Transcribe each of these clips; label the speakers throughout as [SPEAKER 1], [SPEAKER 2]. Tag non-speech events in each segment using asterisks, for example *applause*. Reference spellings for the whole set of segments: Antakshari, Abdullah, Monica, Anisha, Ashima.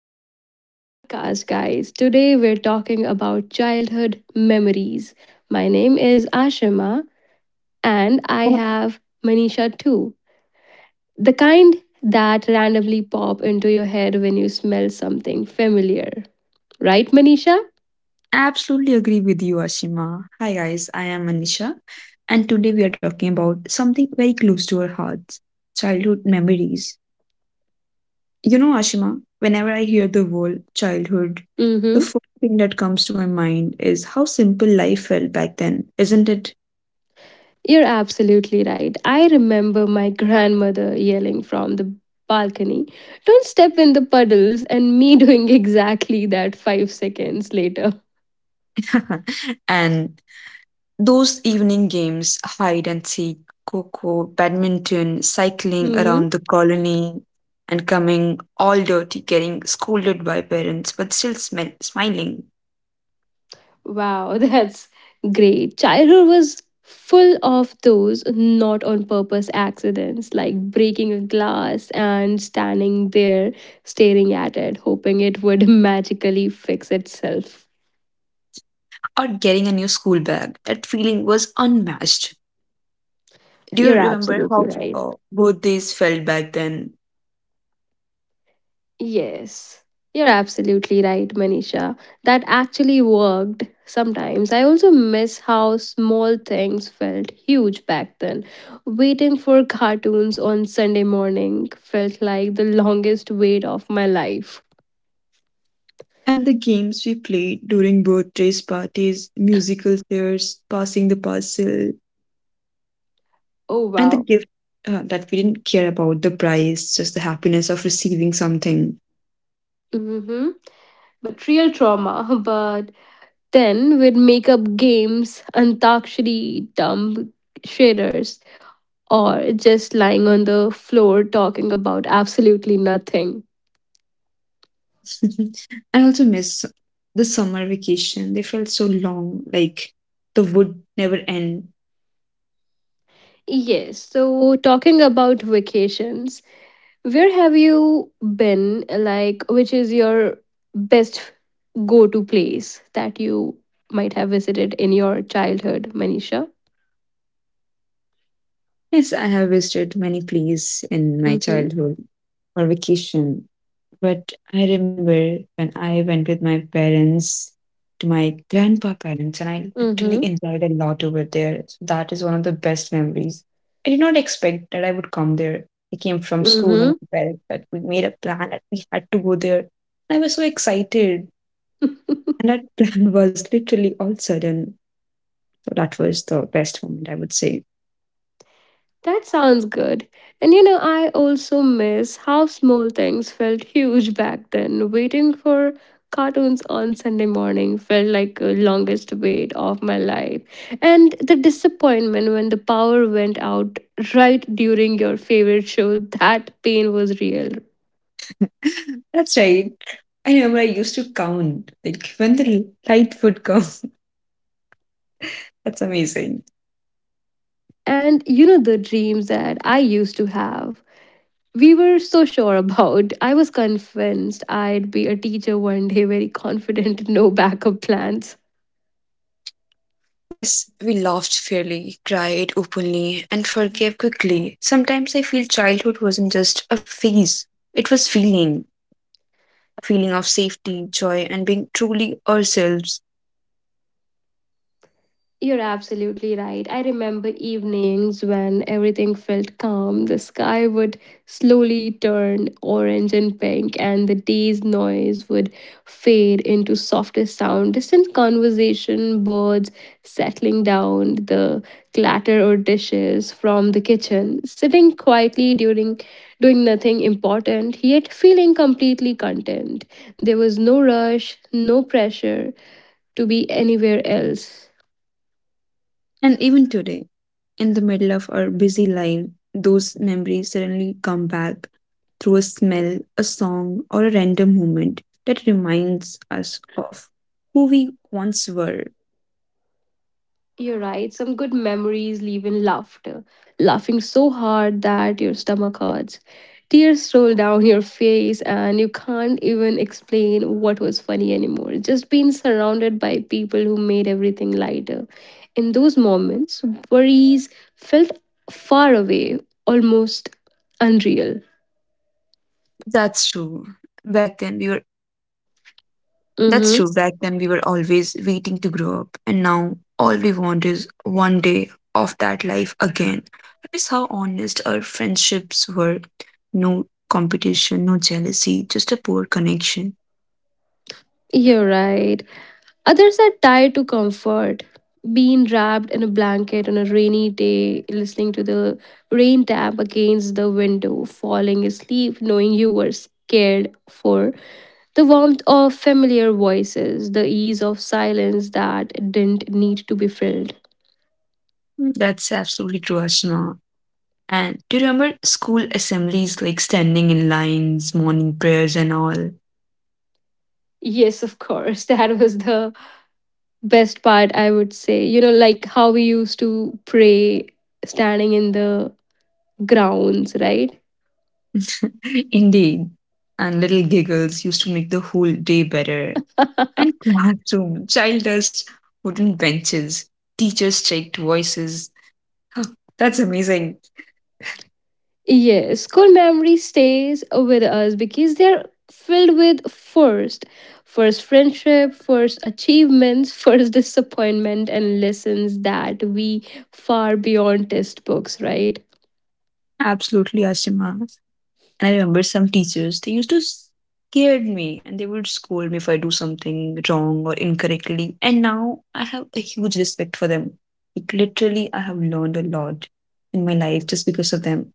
[SPEAKER 1] back to the podcast, guys. Today we're talking about childhood memories. My name is Ashima, and
[SPEAKER 2] I
[SPEAKER 1] I have Manisha too. The kind that randomly pop into your head when you smell something familiar. Right, Manisha?
[SPEAKER 2] absolutely agree with you, Ashima. Hi, guys. I am Anisha, and today we are talking about something very close to our hearts: childhood memories. You know, Ashima, whenever I hear the word childhood, the
[SPEAKER 1] Mm
[SPEAKER 2] first thing that comes to my mind is how simple life felt back then, isn't it?
[SPEAKER 1] You're absolutely right. I remember my *laughs* grandmother yelling from the balcony, don't step in the puddles, and me *laughs* doing exactly that 5 seconds later.
[SPEAKER 2] *laughs* and Those evening games, hide and seek, coco, badminton, cycling around
[SPEAKER 1] hmm
[SPEAKER 2] the colony, and coming all dirty, getting scolded by parents, but still smiling,
[SPEAKER 1] Wow, *laughs* that's great. Childhood was full of those not on purpose accidents, like breaking a glass and standing there staring at it, hoping it would *laughs* magically fix itself.
[SPEAKER 2] or getting a new school bag. That feeling was unmatched. Do you
[SPEAKER 1] You're
[SPEAKER 2] remember
[SPEAKER 1] absolutely
[SPEAKER 2] how
[SPEAKER 1] right.
[SPEAKER 2] birthdays felt back then?
[SPEAKER 1] Yes, you're absolutely right, Manisha. That actually worked sometimes. I also miss how small things felt huge back then. Waiting for cartoons on Sunday morning felt like the longest wait of my life.
[SPEAKER 2] And the games we played during birthdays parties, musical chairs, passing the parcel,
[SPEAKER 1] Oh,
[SPEAKER 2] and the
[SPEAKER 1] wow.
[SPEAKER 2] gift that we didn't care about the price, just the happiness of receiving something.
[SPEAKER 1] Mm-hmm. But real trauma. *laughs* But Then we'd make up games, Antakshari, dumb shaders, or just lying on the floor talking about absolutely nothing.
[SPEAKER 2] *laughs* I also miss the summer vacation. They felt so long, like the would never end.
[SPEAKER 1] Yes, so talking about vacations, where have you been? Like, which is your best go to place that you might have visited in your childhood, Manisha?
[SPEAKER 2] Yes, I have visited many places in my
[SPEAKER 1] Mm hmm.
[SPEAKER 2] childhood for vacation, but I remember when I went with my parents to my grandpa parents, and I literally
[SPEAKER 1] Mm
[SPEAKER 2] enjoyed a lot over there. So that is one of the best memories. I did not expect that I would come there. I came from
[SPEAKER 1] hmm.
[SPEAKER 2] school and
[SPEAKER 1] Mm
[SPEAKER 2] my parents, but we made a plan that we had to go there. I was so excited.
[SPEAKER 1] hmm. *laughs*
[SPEAKER 2] And that plan *laughs* was literally all sudden. So that was the best moment, I would say.
[SPEAKER 1] That sounds good. And you know, I also miss how small things felt huge back then. Waiting for cartoons on Sunday morning felt like the longest wait of my life. And the disappointment when the power went out right during your favorite show, that pain was real.
[SPEAKER 2] *laughs* That's right. I remember I used to count, like when the light would come. *laughs* That's amazing.
[SPEAKER 1] And you know, the dreams that I used to have. We were so sure about. I was convinced I'd be a teacher one day, very confident, no backup plans.
[SPEAKER 2] Yes, we laughed fairly, cried openly, and forgave quickly. Sometimes I feel childhood wasn't just a phase, it was feeling. A feeling of safety, joy, and being truly ourselves.
[SPEAKER 1] You're absolutely right. I remember evenings when everything felt calm. The sky would slowly turn orange and pink, and the day's noise would fade into softer sound. Distant conversation, birds settling down, the clatter or dishes from the kitchen. Sitting quietly during doing nothing important, yet feeling completely content. There was no rush, no pressure to be anywhere else.
[SPEAKER 2] And even today, in the middle of our busy life, those memories suddenly come back through a smell, a song, or a random moment that reminds us of who we once were.
[SPEAKER 1] You're right. Some good memories leave in laughter. Laughing so hard that your stomach hurts. Tears roll down your face, and you can't even explain what was funny anymore. Just being surrounded by people who made everything lighter. In those moments, worries felt far away, almost unreal.
[SPEAKER 2] That's true. Back then we were
[SPEAKER 1] Mm-hmm.
[SPEAKER 2] always waiting to grow up, and now all we want is one day of that life again. I miss how honest our friendships were. No competition, no jealousy, just a poor connection.
[SPEAKER 1] You're right. Others are tied to comfort, being wrapped in a blanket on a rainy day, listening to the rain tap against the window, falling asleep knowing you were scared for the warmth of familiar voices, the ease of silence that didn't need to be filled.
[SPEAKER 2] That's absolutely true, Ashma. And do you remember school assemblies like standing in lines, morning prayers, and all?
[SPEAKER 1] Yes, of course. *laughs* That was the best part, I would say. You know, like how we used to pray standing in the grounds, right?
[SPEAKER 2] *laughs* Indeed. And little giggles used to make the whole day better. And
[SPEAKER 1] *laughs*
[SPEAKER 2] classroom, child dust, wooden benches, teachers' checked voices. *gasps* That's amazing.
[SPEAKER 1] Yes, school memory stays with us because they're filled with first, first friendship, first achievements, *laughs* first disappointment, and lessons that we far beyond textbooks, right?
[SPEAKER 2] Absolutely, Ashima. And I remember some teachers, they used to scared me and they would scold me if I do something wrong or incorrectly. And now I have a huge respect for them. Like literally, I have learned a lot in my life just because of them.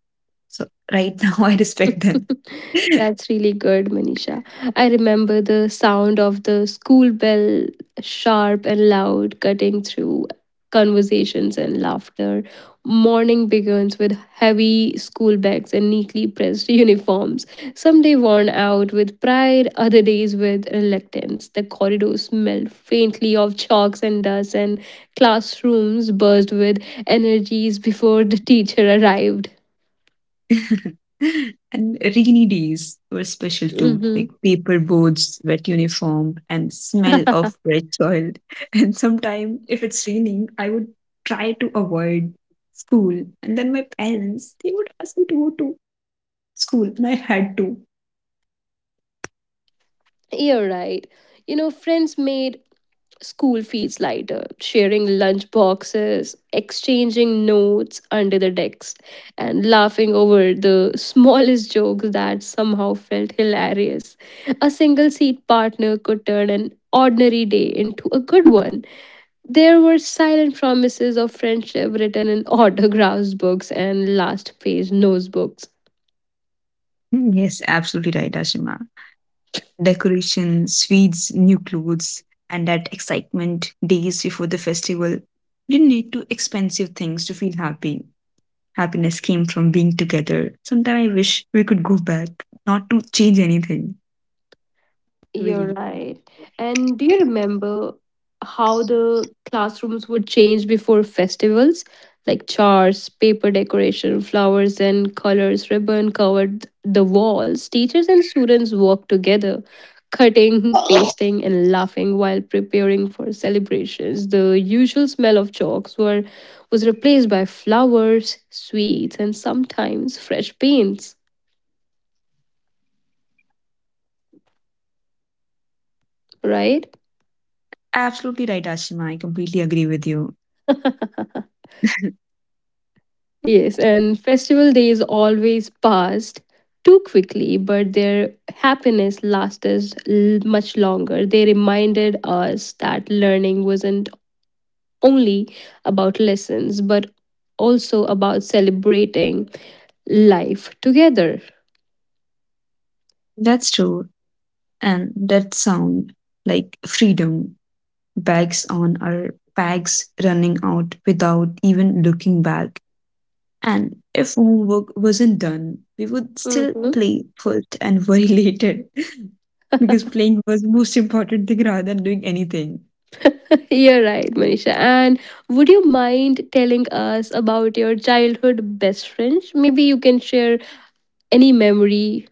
[SPEAKER 2] So right now *laughs* I respect them.
[SPEAKER 1] *laughs*
[SPEAKER 2] *laughs*
[SPEAKER 1] That's really good, Manisha. I remember the sound of the school bell, sharp and loud, cutting through conversations and laughter. Morning begins with heavy school bags and neatly pressed *laughs* uniforms, some day worn out with pride, other days with reluctance. The corridors smelled faintly of chalks and dust, and classrooms buzzed with energies before the teacher arrived.
[SPEAKER 2] *laughs* and rainy days were special too,
[SPEAKER 1] Mhm.
[SPEAKER 2] like paper boats, wet uniform, and smell of fresh soil. *laughs* And sometime, if it's raining, I would try to avoid school. And then my parents, they would ask me to go to school, and I had to.
[SPEAKER 1] You're right. You know, friends made school feels lighter, sharing lunch boxes, exchanging notes under the decks, and laughing over the *laughs* smallest jokes that somehow felt hilarious. A single seat partner could turn an ordinary day into a good one. There were silent promises of friendship written in *laughs* autographs books and last page notebooks.
[SPEAKER 2] Yes, absolutely right, Ashima. Decoration, sweets, new clothes, and that excitement days before the festival. You didn't need to expensive things to feel happy happiness came from being together. Sometimes I wish we could go back, not to change anything. Really.
[SPEAKER 1] You're right. And do you remember how the classrooms would change before festivals? Like charts, paper decoration, flowers and colors, ribbon covered the walls. Teachers and students worked together, cutting, pasting, and laughing while preparing for celebrations. The usual smell of chalks were was replaced by flowers, sweets, and sometimes fresh paints, right?
[SPEAKER 2] Absolutely right, Ashima. I completely agree with you.
[SPEAKER 1] *laughs* Yes, and festival days always passed too quickly, but their happiness lasted much longer. They reminded us that learning wasn't only about lessons, but also about celebrating life together.
[SPEAKER 2] That's true. And that sound like freedom, bags on our bags running out without even looking back. And if homework wasn't done, we would still
[SPEAKER 1] Mhm.
[SPEAKER 2] play first and worry *laughs* later. Because playing was most important thing rather than doing anything.
[SPEAKER 1] You're right, Manisha. And would you mind telling us about your childhood best friends? Maybe you can share any memory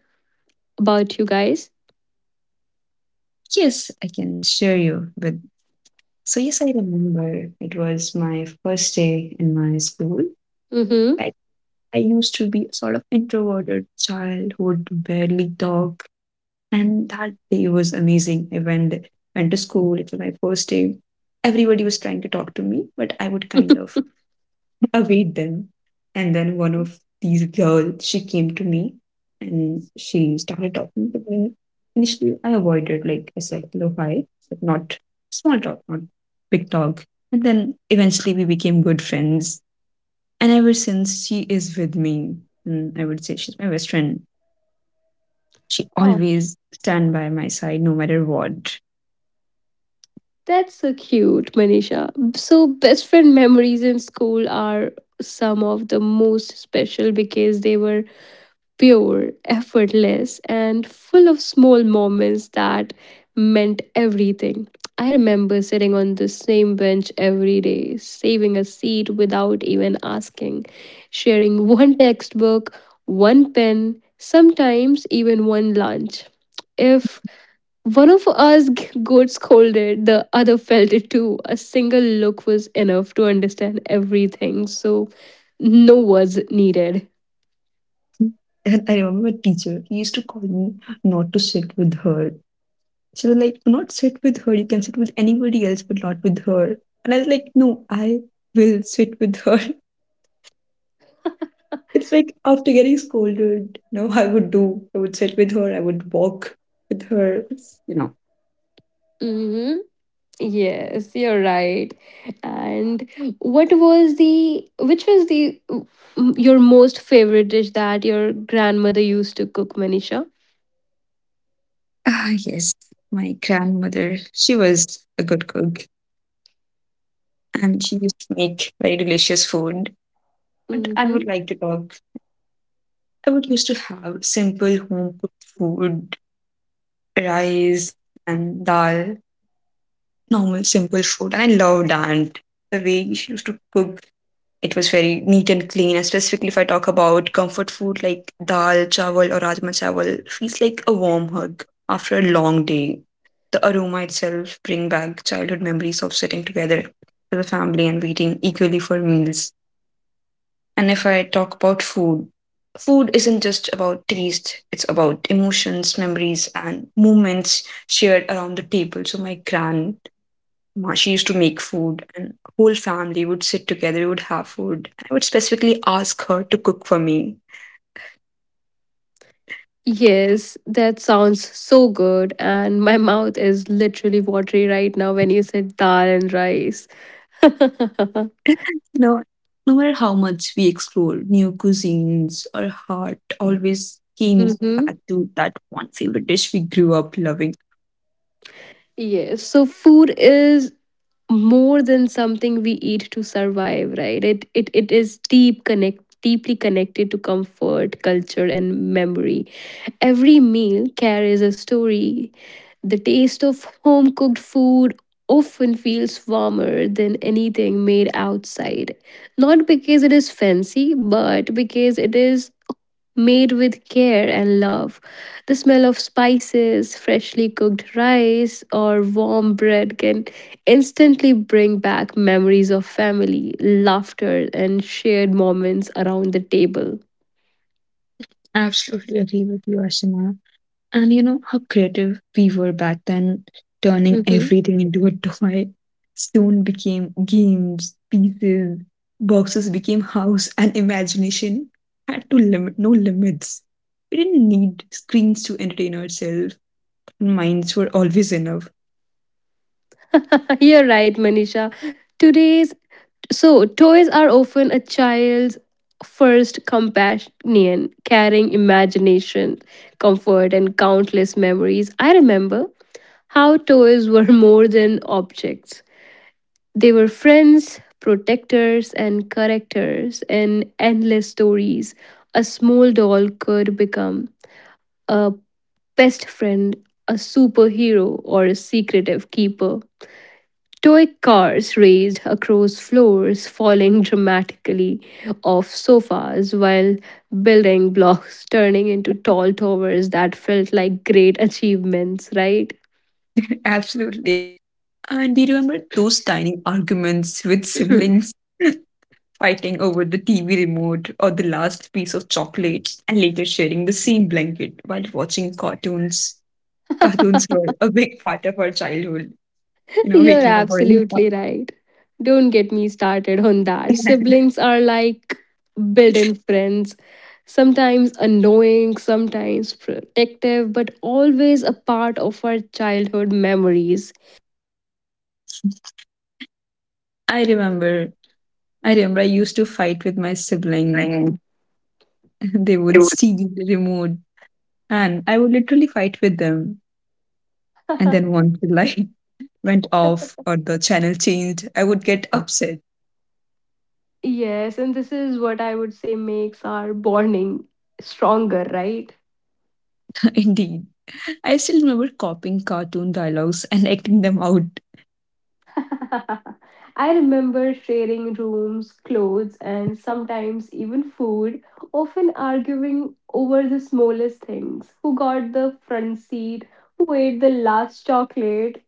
[SPEAKER 1] about you guys.
[SPEAKER 2] Yes, I can share you with So yes, I remember it was my first day in my school. I, I used to be a sort of introverted child who would barely talk. And that day was amazing. I went to school. It was my first day. Everybody was trying to talk to me, but I would kind of
[SPEAKER 1] Mm-hmm.
[SPEAKER 2] await them. And then one of these girls, she came to me and she started talking to me. Initially, I avoided, like I said, hello, hi, but not small talk, not big talk. And then eventually we became good friends. And ever since, she is with me. And I would say she's my best friend. She
[SPEAKER 1] *laughs*
[SPEAKER 2] always stand by my side no matter what. *laughs*
[SPEAKER 1] That's so cute, Manisha. So, best friend memories in school are some of the most special because they were pure, effortless, and full of small moments that meant everything. I remember sitting on the same bench every day, saving a seat without even asking, sharing one textbook, one pen, sometimes even one lunch. If one of us got scolded, the other felt it too. A single look was enough to understand everything, so no words needed.
[SPEAKER 2] And I remember my teacher, he used to call me not to sit with her. She was like, do not sit with her. You can sit with anybody else, but not with her. And I was like, no, I will sit with her. *laughs* It's like after getting scolded, no, I would do. I would sit with her. I would walk with her.
[SPEAKER 1] hmm Yes, you're right. And which was your most favorite dish that your grandmother used to cook, Manisha?
[SPEAKER 2] Ah, yes. My grandmother, she was a good cook and she used to make very delicious food. But I
[SPEAKER 1] Mm-hmm.
[SPEAKER 2] would like to talk. I would used to have simple home cooked food, rice and dal. Normal simple food. And I loved aunt the way she used to cook. It was very neat and clean, and specifically if I talk about comfort food like dal chawal or rajma chawal, feels like a warm hug after a long day. The aroma itself bring back childhood memories of sitting together with the family and waiting eagerly for meals. And if I talk about food isn't just about taste, it's about emotions, memories, and moments shared around the table. So my she used to make food, and whole family would sit together. We would have food, and I would specifically ask her to cook for me.
[SPEAKER 1] Yes, that sounds so good. And my mouth is literally watery right now when you said dal and rice. *laughs*
[SPEAKER 2] *laughs* No, No matter how much we explore new cuisines, our heart always came
[SPEAKER 1] Mm-hmm.
[SPEAKER 2] back to that one favorite dish we grew up loving.
[SPEAKER 1] Yes. So food is more than something we eat to survive, right? It is deeply connected to comfort, culture, and memory. Every meal carries a story. The taste of home cooked food often feels warmer than anything made outside. Not because it is fancy, but because it is made with care and love. The smell of spices, freshly cooked rice, or warm bread can instantly bring back memories of family, laughter, and shared moments around the table.
[SPEAKER 2] Absolutely agree with you, Asima. And you know how creative we were back then, turning
[SPEAKER 1] Mhm.
[SPEAKER 2] everything into a *laughs* toy. Stone became games, pieces, boxes became house, and imagination had to limit no limits. We didn't need screens to entertain ourselves. Minds were always enough.
[SPEAKER 1] *laughs* You're right, Manisha. Today's so toys are often a child's first companion, carrying imagination, comfort, and countless memories. I remember how toys were more than objects. They were friends, protectors, and correctors in endless stories. A small doll could become a best friend, a superhero, or a secretive keeper. Toy cars raced across floors, falling dramatically off sofas while building blocks turning into tall towers that felt like great achievements, right?
[SPEAKER 2] *laughs* Absolutely. And do you remember those tiny arguments with siblings *laughs* fighting over the TV remote or the last piece of chocolate and later sharing the same blanket while watching cartoons? Cartoons were a big part of our childhood,
[SPEAKER 1] You're
[SPEAKER 2] waking up early.
[SPEAKER 1] absolutely right. Don't get me started on that.
[SPEAKER 2] *laughs*
[SPEAKER 1] Siblings are like built in friends, sometimes annoying, sometimes protective, but always a part of our childhood memories.
[SPEAKER 2] I remember, I remember I used to fight with my sibling.
[SPEAKER 1] Right.
[SPEAKER 2] *laughs* They
[SPEAKER 1] It
[SPEAKER 2] would
[SPEAKER 1] would-
[SPEAKER 2] steal the remote and I would literally fight with them. And then once the light *laughs* went off or the channel changed, I would get upset.
[SPEAKER 1] *laughs* Yes, and this is what I would say makes our bonding stronger, right?
[SPEAKER 2] *laughs* Indeed. I still remember copying cartoon dialogues and acting them out.
[SPEAKER 1] *laughs* I remember sharing rooms, clothes, and sometimes even food, often arguing over the smallest things who got the front seat, who ate the last chocolate,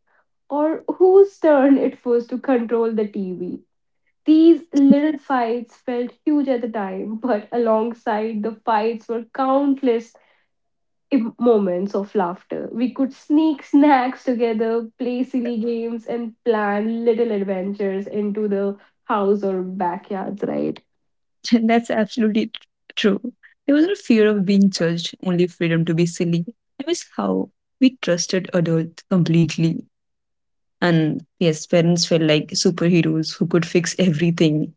[SPEAKER 1] or whose turn it was to control the TV. These little fights felt huge at the time, *laughs* but alongside the fights were countless moments of laughter. We could sneak snacks together, play silly games, and plan little adventures into the house or backyards, right?
[SPEAKER 2] *laughs* That's absolutely true. There was no fear of being judged, only freedom to be silly. I miss how we trusted adults completely. And yes, parents felt like superheroes who could fix everything.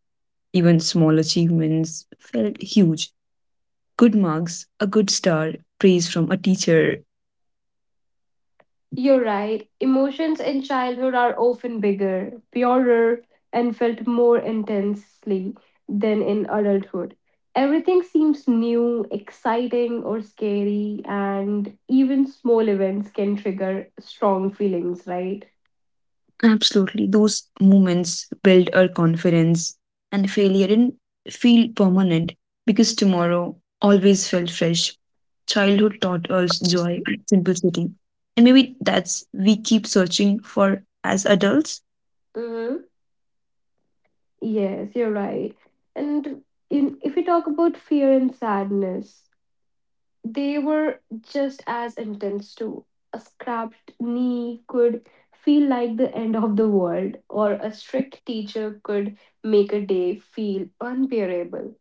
[SPEAKER 2] Even small achievements felt huge. Good marks, a good star, praise from a teacher,
[SPEAKER 1] You're right. Emotions in childhood are often bigger, purer, and felt more intensely than in adulthood. Everything seems new, exciting, or scary, and even small events can trigger strong feelings, right?
[SPEAKER 2] absolutely. Those moments build our confidence, and failure didn't feel permanent because tomorrow always felt fresh. Childhood taught us joy in simplicity. And maybe that's we keep searching for as adults,
[SPEAKER 1] Mhm. Yes, you're right. And if we talk about fear and sadness, they were just as intense too. A scrapped knee could feel like the end of the world, or a strict teacher could make a day feel unbearable.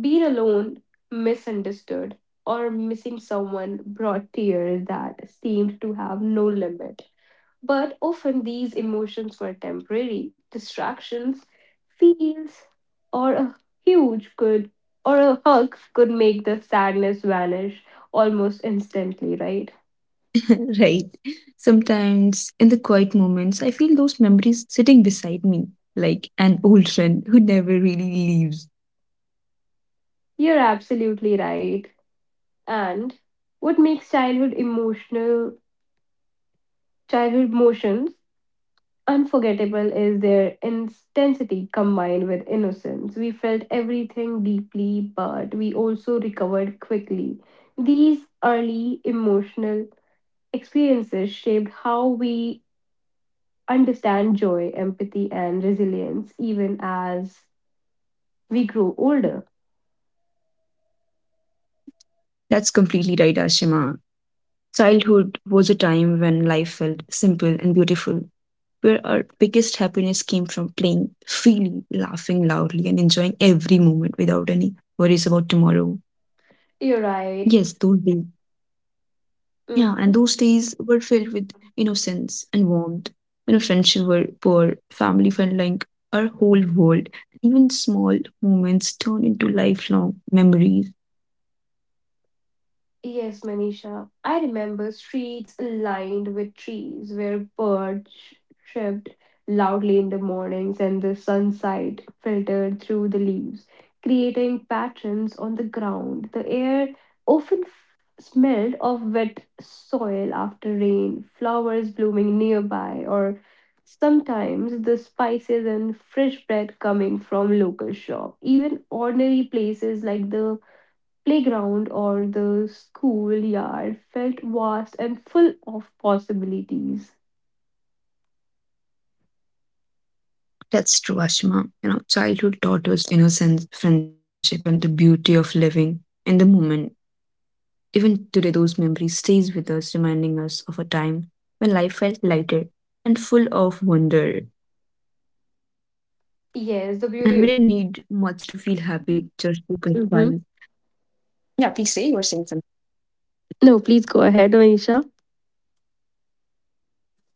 [SPEAKER 1] Being alone, misunderstood, or missing someone brought tears that seemed to have no limit. But often these emotions were temporary distractions, feels, or a huge good or a hug could make the sadness vanish almost instantly, right?
[SPEAKER 2] *laughs* right? Sometimes in the quiet moments, I feel those memories sitting beside me, like an old friend who never really leaves.
[SPEAKER 1] You're absolutely right. And what makes childhood emotions unforgettable is their intensity combined with innocence. We felt everything deeply, but we also recovered quickly. These early emotional experiences shaped how we understand joy, empathy, and resilience even as we grow older.
[SPEAKER 2] That's completely right, Ashima. Childhood was a time when life felt simple and beautiful, where our biggest happiness came from playing freely, laughing loudly, and enjoying every moment without any worries about tomorrow.
[SPEAKER 1] You're right.
[SPEAKER 2] Yes, those days. Yeah,
[SPEAKER 1] Mhm.
[SPEAKER 2] and those days were filled with innocence and warmth. You know, friendship were poor, family felt like our whole world. Even small moments turn into lifelong memories.
[SPEAKER 1] Yes, Manisha. I remember streets lined with trees where birds chirped loudly in the mornings and the sunlight filtered through the leaves, creating patterns on the ground. The air often smelled of wet soil after rain, flowers blooming nearby, or sometimes the spices and fresh bread coming from local shop. Even ordinary places like the playground or the schoolyard felt vast and full of possibilities.
[SPEAKER 2] That's true, Ashma. You know, childhood taught us innocence, friendship, and the beauty of living in the moment. Even today, those memories stays with us, reminding us of a time when life felt lighter and full of wonder. And we didn't need
[SPEAKER 1] Yes, the
[SPEAKER 2] much to
[SPEAKER 1] beauty.
[SPEAKER 2] feel happy, just open skies.
[SPEAKER 1] Mm-hmm.
[SPEAKER 2] Yeah, please say you were saying
[SPEAKER 1] No, please go ahead, Manisha.
[SPEAKER 2] something. *laughs* Yeah,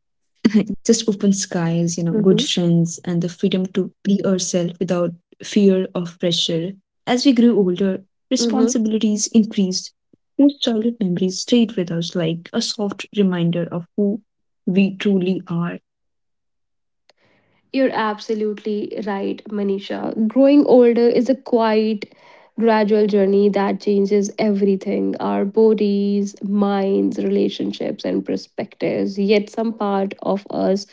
[SPEAKER 2] just open skies, good
[SPEAKER 1] Mm-hmm.
[SPEAKER 2] friends, and the freedom to be ourselves without fear of pressure. As we grew older,
[SPEAKER 1] Mm-hmm.
[SPEAKER 2] responsibilities increased. Those childhood memories stayed with us like a soft reminder of who we truly are,
[SPEAKER 1] You're absolutely right, Manisha. Growing older is a quiet, gradual journey that changes everything our bodies, minds, relationships, and perspectives. Yet, some part of us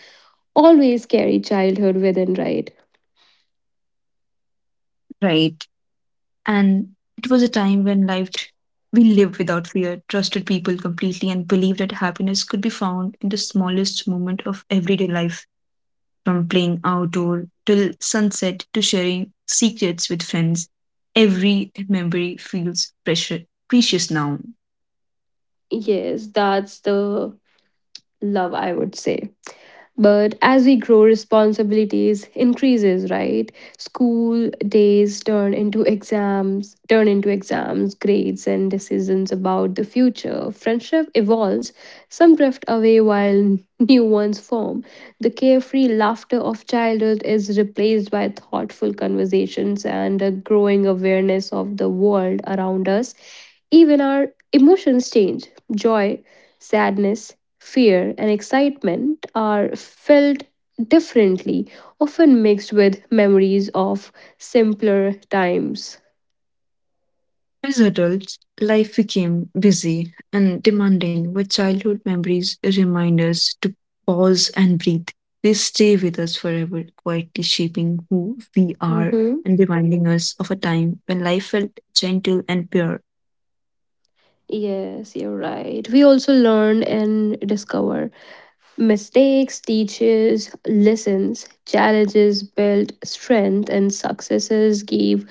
[SPEAKER 1] always carry childhood within, right?
[SPEAKER 2] right? And it was a time when life we lived without fear, trusted people completely, and believed that happiness could be found in the smallest moment of everyday life, from playing outdoor till sunset to sharing secrets with friends. Every memory feels precious now.
[SPEAKER 1] Yes, that's the love I would say, but as we grow responsibilities increases right, school days turn into exams grades and decisions about the future, friendship evolves, some drift away while *laughs* new ones form. The carefree laughter of childhood is replaced by thoughtful conversations and a growing awareness of the world around us, even our emotions change, joy, sadness, fear, and excitement are felt differently, often mixed with memories of simpler times.
[SPEAKER 2] As adults, life became busy and demanding, but childhood memories remind us to pause and breathe. They stay with us forever, quietly shaping
[SPEAKER 1] Mhm.
[SPEAKER 2] who we are and reminding us of a time when life felt gentle and pure.
[SPEAKER 1] Yes, you're right. We also learn and discover. Mistakes teaches lessons, challenges build strength, and successes give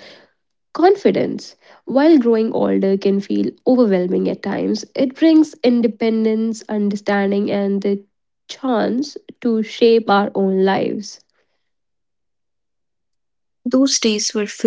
[SPEAKER 1] confidence. While growing older can feel overwhelming at times, it brings independence, understanding, and the chance to shape our own lives.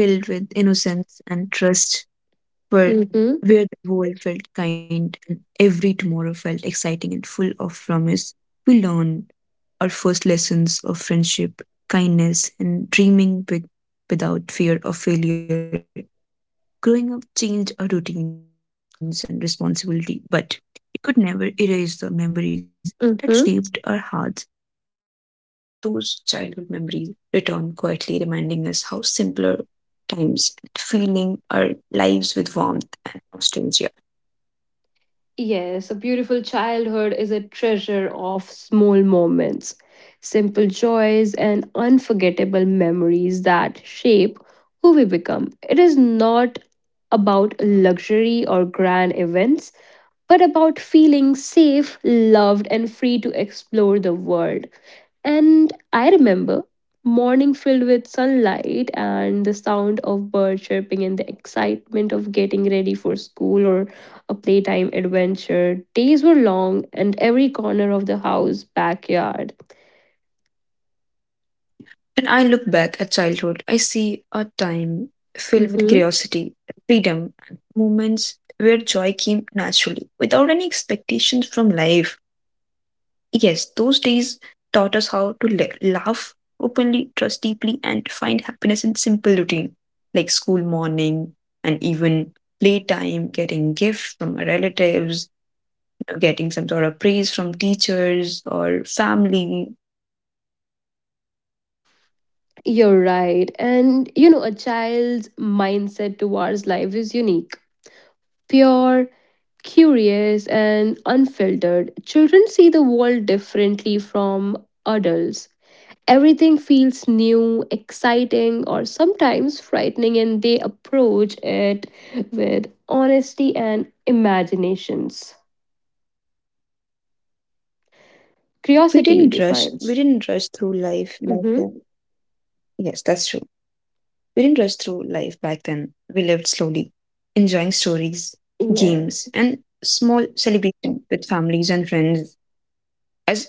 [SPEAKER 2] Those days were filled with innocence and trust,
[SPEAKER 1] Mm-hmm,
[SPEAKER 2] where, where the world felt kind and every tomorrow felt exciting and full of promise. We learned our first lessons of friendship, kindness, and dreaming big without fear of failure. Growing up changed our routines and responsibility, but it could never erase the memories that shaped our
[SPEAKER 1] mm-hmm.
[SPEAKER 2] hearts. Even today, those childhood memories return quietly, reminding us how simpler times and feeling our lives with warmth and nostalgia.
[SPEAKER 1] Yes, a beautiful childhood is a treasure of small moments, simple joys, and unforgettable memories that shape who we become. It is not about luxury or grand events, but about feeling safe, loved, and free to explore the world. And I remember morning filled with sunlight and the sound of birds chirping and the excitement of getting ready for school or a playtime adventure. Days were long and every corner of the house, backyard.
[SPEAKER 2] When I look back at childhood, I see a time filled with
[SPEAKER 1] Mhm.
[SPEAKER 2] curiosity, freedom, and moments where joy came naturally without any expectations from life. Yes, those days taught us how to laugh openly, trust deeply, and find happiness in simple routine like school morning and even playtime, getting gifts from our relatives, getting some sort of praise from teachers or family.
[SPEAKER 1] You're right. And you know, a child's mindset towards life is unique. Pure, curious and unfiltered. Children see the world differently from adults. Everything feels new, exciting, or sometimes frightening, and they approach it with honesty and imaginations.
[SPEAKER 2] We didn't rush through
[SPEAKER 1] Curiosity
[SPEAKER 2] life like
[SPEAKER 1] defines.
[SPEAKER 2] that. Yes, that's
[SPEAKER 1] hmm
[SPEAKER 2] true. We didn't rush through life back then. We lived slowly, enjoying stories, games, and small
[SPEAKER 1] Yes.
[SPEAKER 2] celebrations with families and friends. As adulthood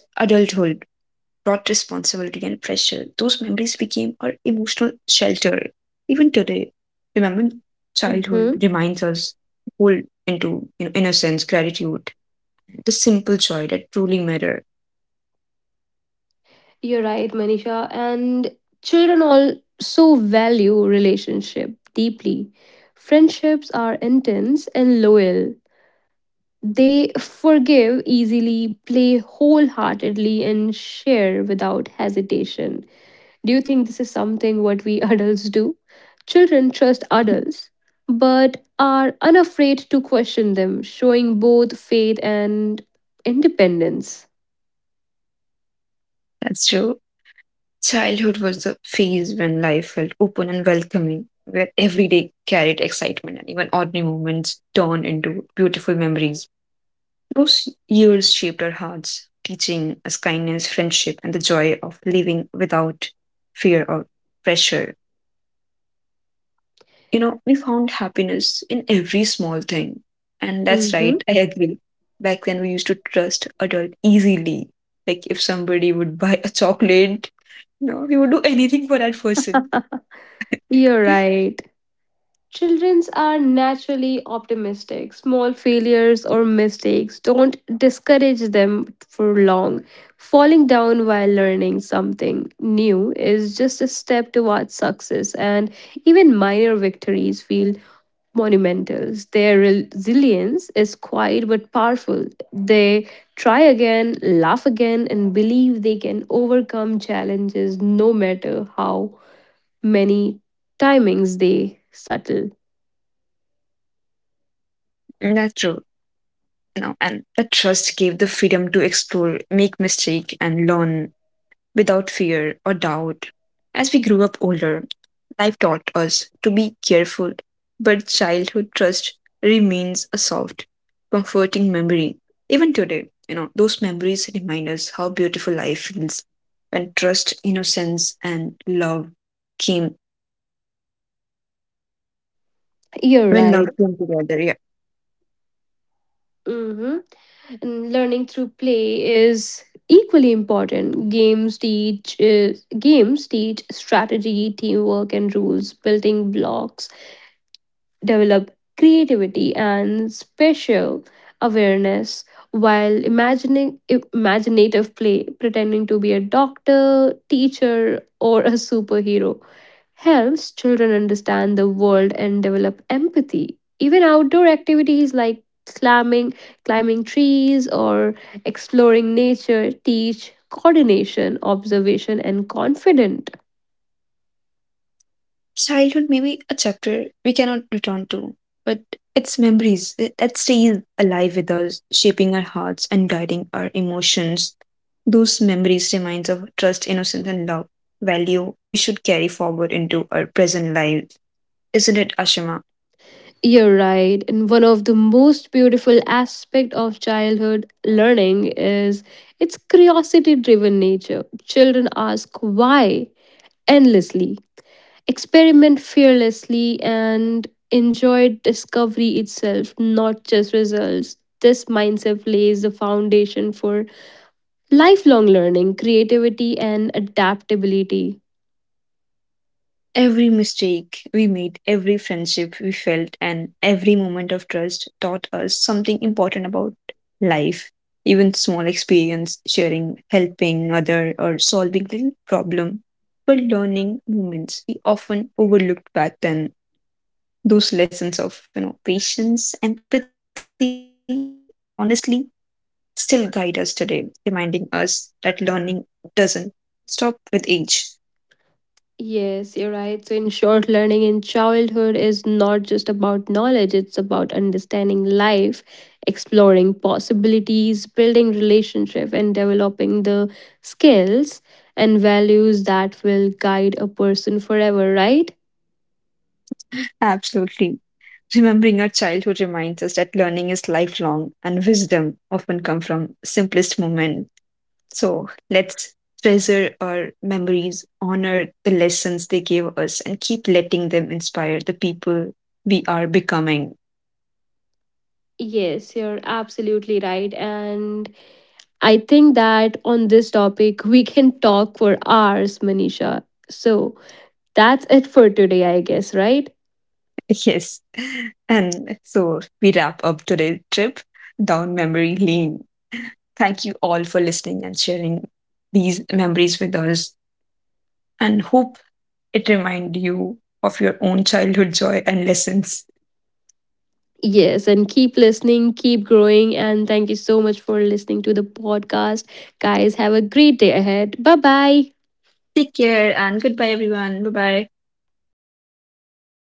[SPEAKER 2] brought responsibility and pressure, those memories became our emotional shelter. Even today, remembering childhood
[SPEAKER 1] hmm
[SPEAKER 2] reminds us to hold into innocence, gratitude, the simple joy that truly matter.
[SPEAKER 1] You're right, Manisha. And children also value relationship deeply. Friendships are intense and loyal. They forgive easily, play wholeheartedly, and share without hesitation. Do you think this is something what we *laughs* adults do? Children trust adults, but are unafraid to question them, showing both faith and independence.
[SPEAKER 2] That's true. Childhood was the phase when life felt open and welcoming, where every day carried excitement and even ordinary moments turned into beautiful memories. Those years shaped our hearts, teaching us kindness, friendship, and the joy of living without fear or pressure. You know, we found happiness in every small thing. And that's
[SPEAKER 1] Mm-hmm.
[SPEAKER 2] right, I agree. Back then, we used to trust adult easily. Like if somebody would buy a *laughs* chocolate, no, we would do anything for that person.
[SPEAKER 1] You're right. Childrens are naturally optimistic. Small failures or mistakes don't discourage them for long. Falling down while learning something new is just a step towards success, and even minor victories feel monumentals. Their resilience is quiet but powerful. They try again, laugh again, and believe they can overcome challenges no matter how many timings they settle.
[SPEAKER 2] That's true. No, and that trust gave the freedom to explore, make mistake, and learn without fear or doubt. As we grew up older, life taught us to be careful, but childhood trust remains a soft, comforting memory. Even today, those memories remind us how beautiful life feels when trust, innocence, and love came,
[SPEAKER 1] You're
[SPEAKER 2] when
[SPEAKER 1] right.
[SPEAKER 2] love came together. Yeah.
[SPEAKER 1] hmm And learning through play is equally important. Games teach strategy, teamwork, and rules, building blocks develop creativity and spatial awareness, while imagining imaginative play, pretending to be a doctor, teacher or a superhero, helps children understand the world and develop empathy. Even outdoor activities like climbing trees or exploring nature teach coordination, observation and confidence.
[SPEAKER 2] Childhood may be a chapter we cannot return to, but its memories that stays alive with us, shaping our hearts and guiding our emotions. Those memories reminds of trust, innocence, and love, value we should carry forward into our present life. Isn't it, Ashima?
[SPEAKER 1] You're right. And one of the most beautiful aspect of childhood learning is its curiosity-driven nature. Children ask why endlessly, experiment fearlessly, and enjoy discovery itself, not just results. This mindset lays the foundation for lifelong learning, creativity, and adaptability.
[SPEAKER 2] Every mistake we made, every friendship we felt, and every moment of trust taught us something important about life. Even small experience, sharing, helping other, or solving little problem were learning moments we often overlooked back then. Those lessons of patience, empathy, and honestly still guide us today, reminding us that learning doesn't stop with age.
[SPEAKER 1] Yes, you're right. So, in short, learning in childhood is not just about knowledge, it's about understanding life, exploring possibilities, building relationship, and developing the skills and values that will guide a person forever, right?
[SPEAKER 2] Absolutely. Remembering our childhood reminds us that learning is lifelong and wisdom often come from simplest moment. So let's treasure our memories, honor the lessons they gave us, and keep letting them inspire the people we are becoming.
[SPEAKER 1] Yes, you're absolutely right. And I think that on this topic, we can talk for hours, Manisha. So that's it for today, I guess, right?
[SPEAKER 2] *laughs* Yes. And so we wrap up today's trip down memory lane. Thank you all for listening and sharing these memories with us, and hope it remind you of your own childhood joy and lessons.
[SPEAKER 1] Yes, and keep listening, keep growing. And thank you so much for listening to the podcast. Guys, have a great day ahead. Bye bye.
[SPEAKER 2] Take care and goodbye, everyone. Bye bye.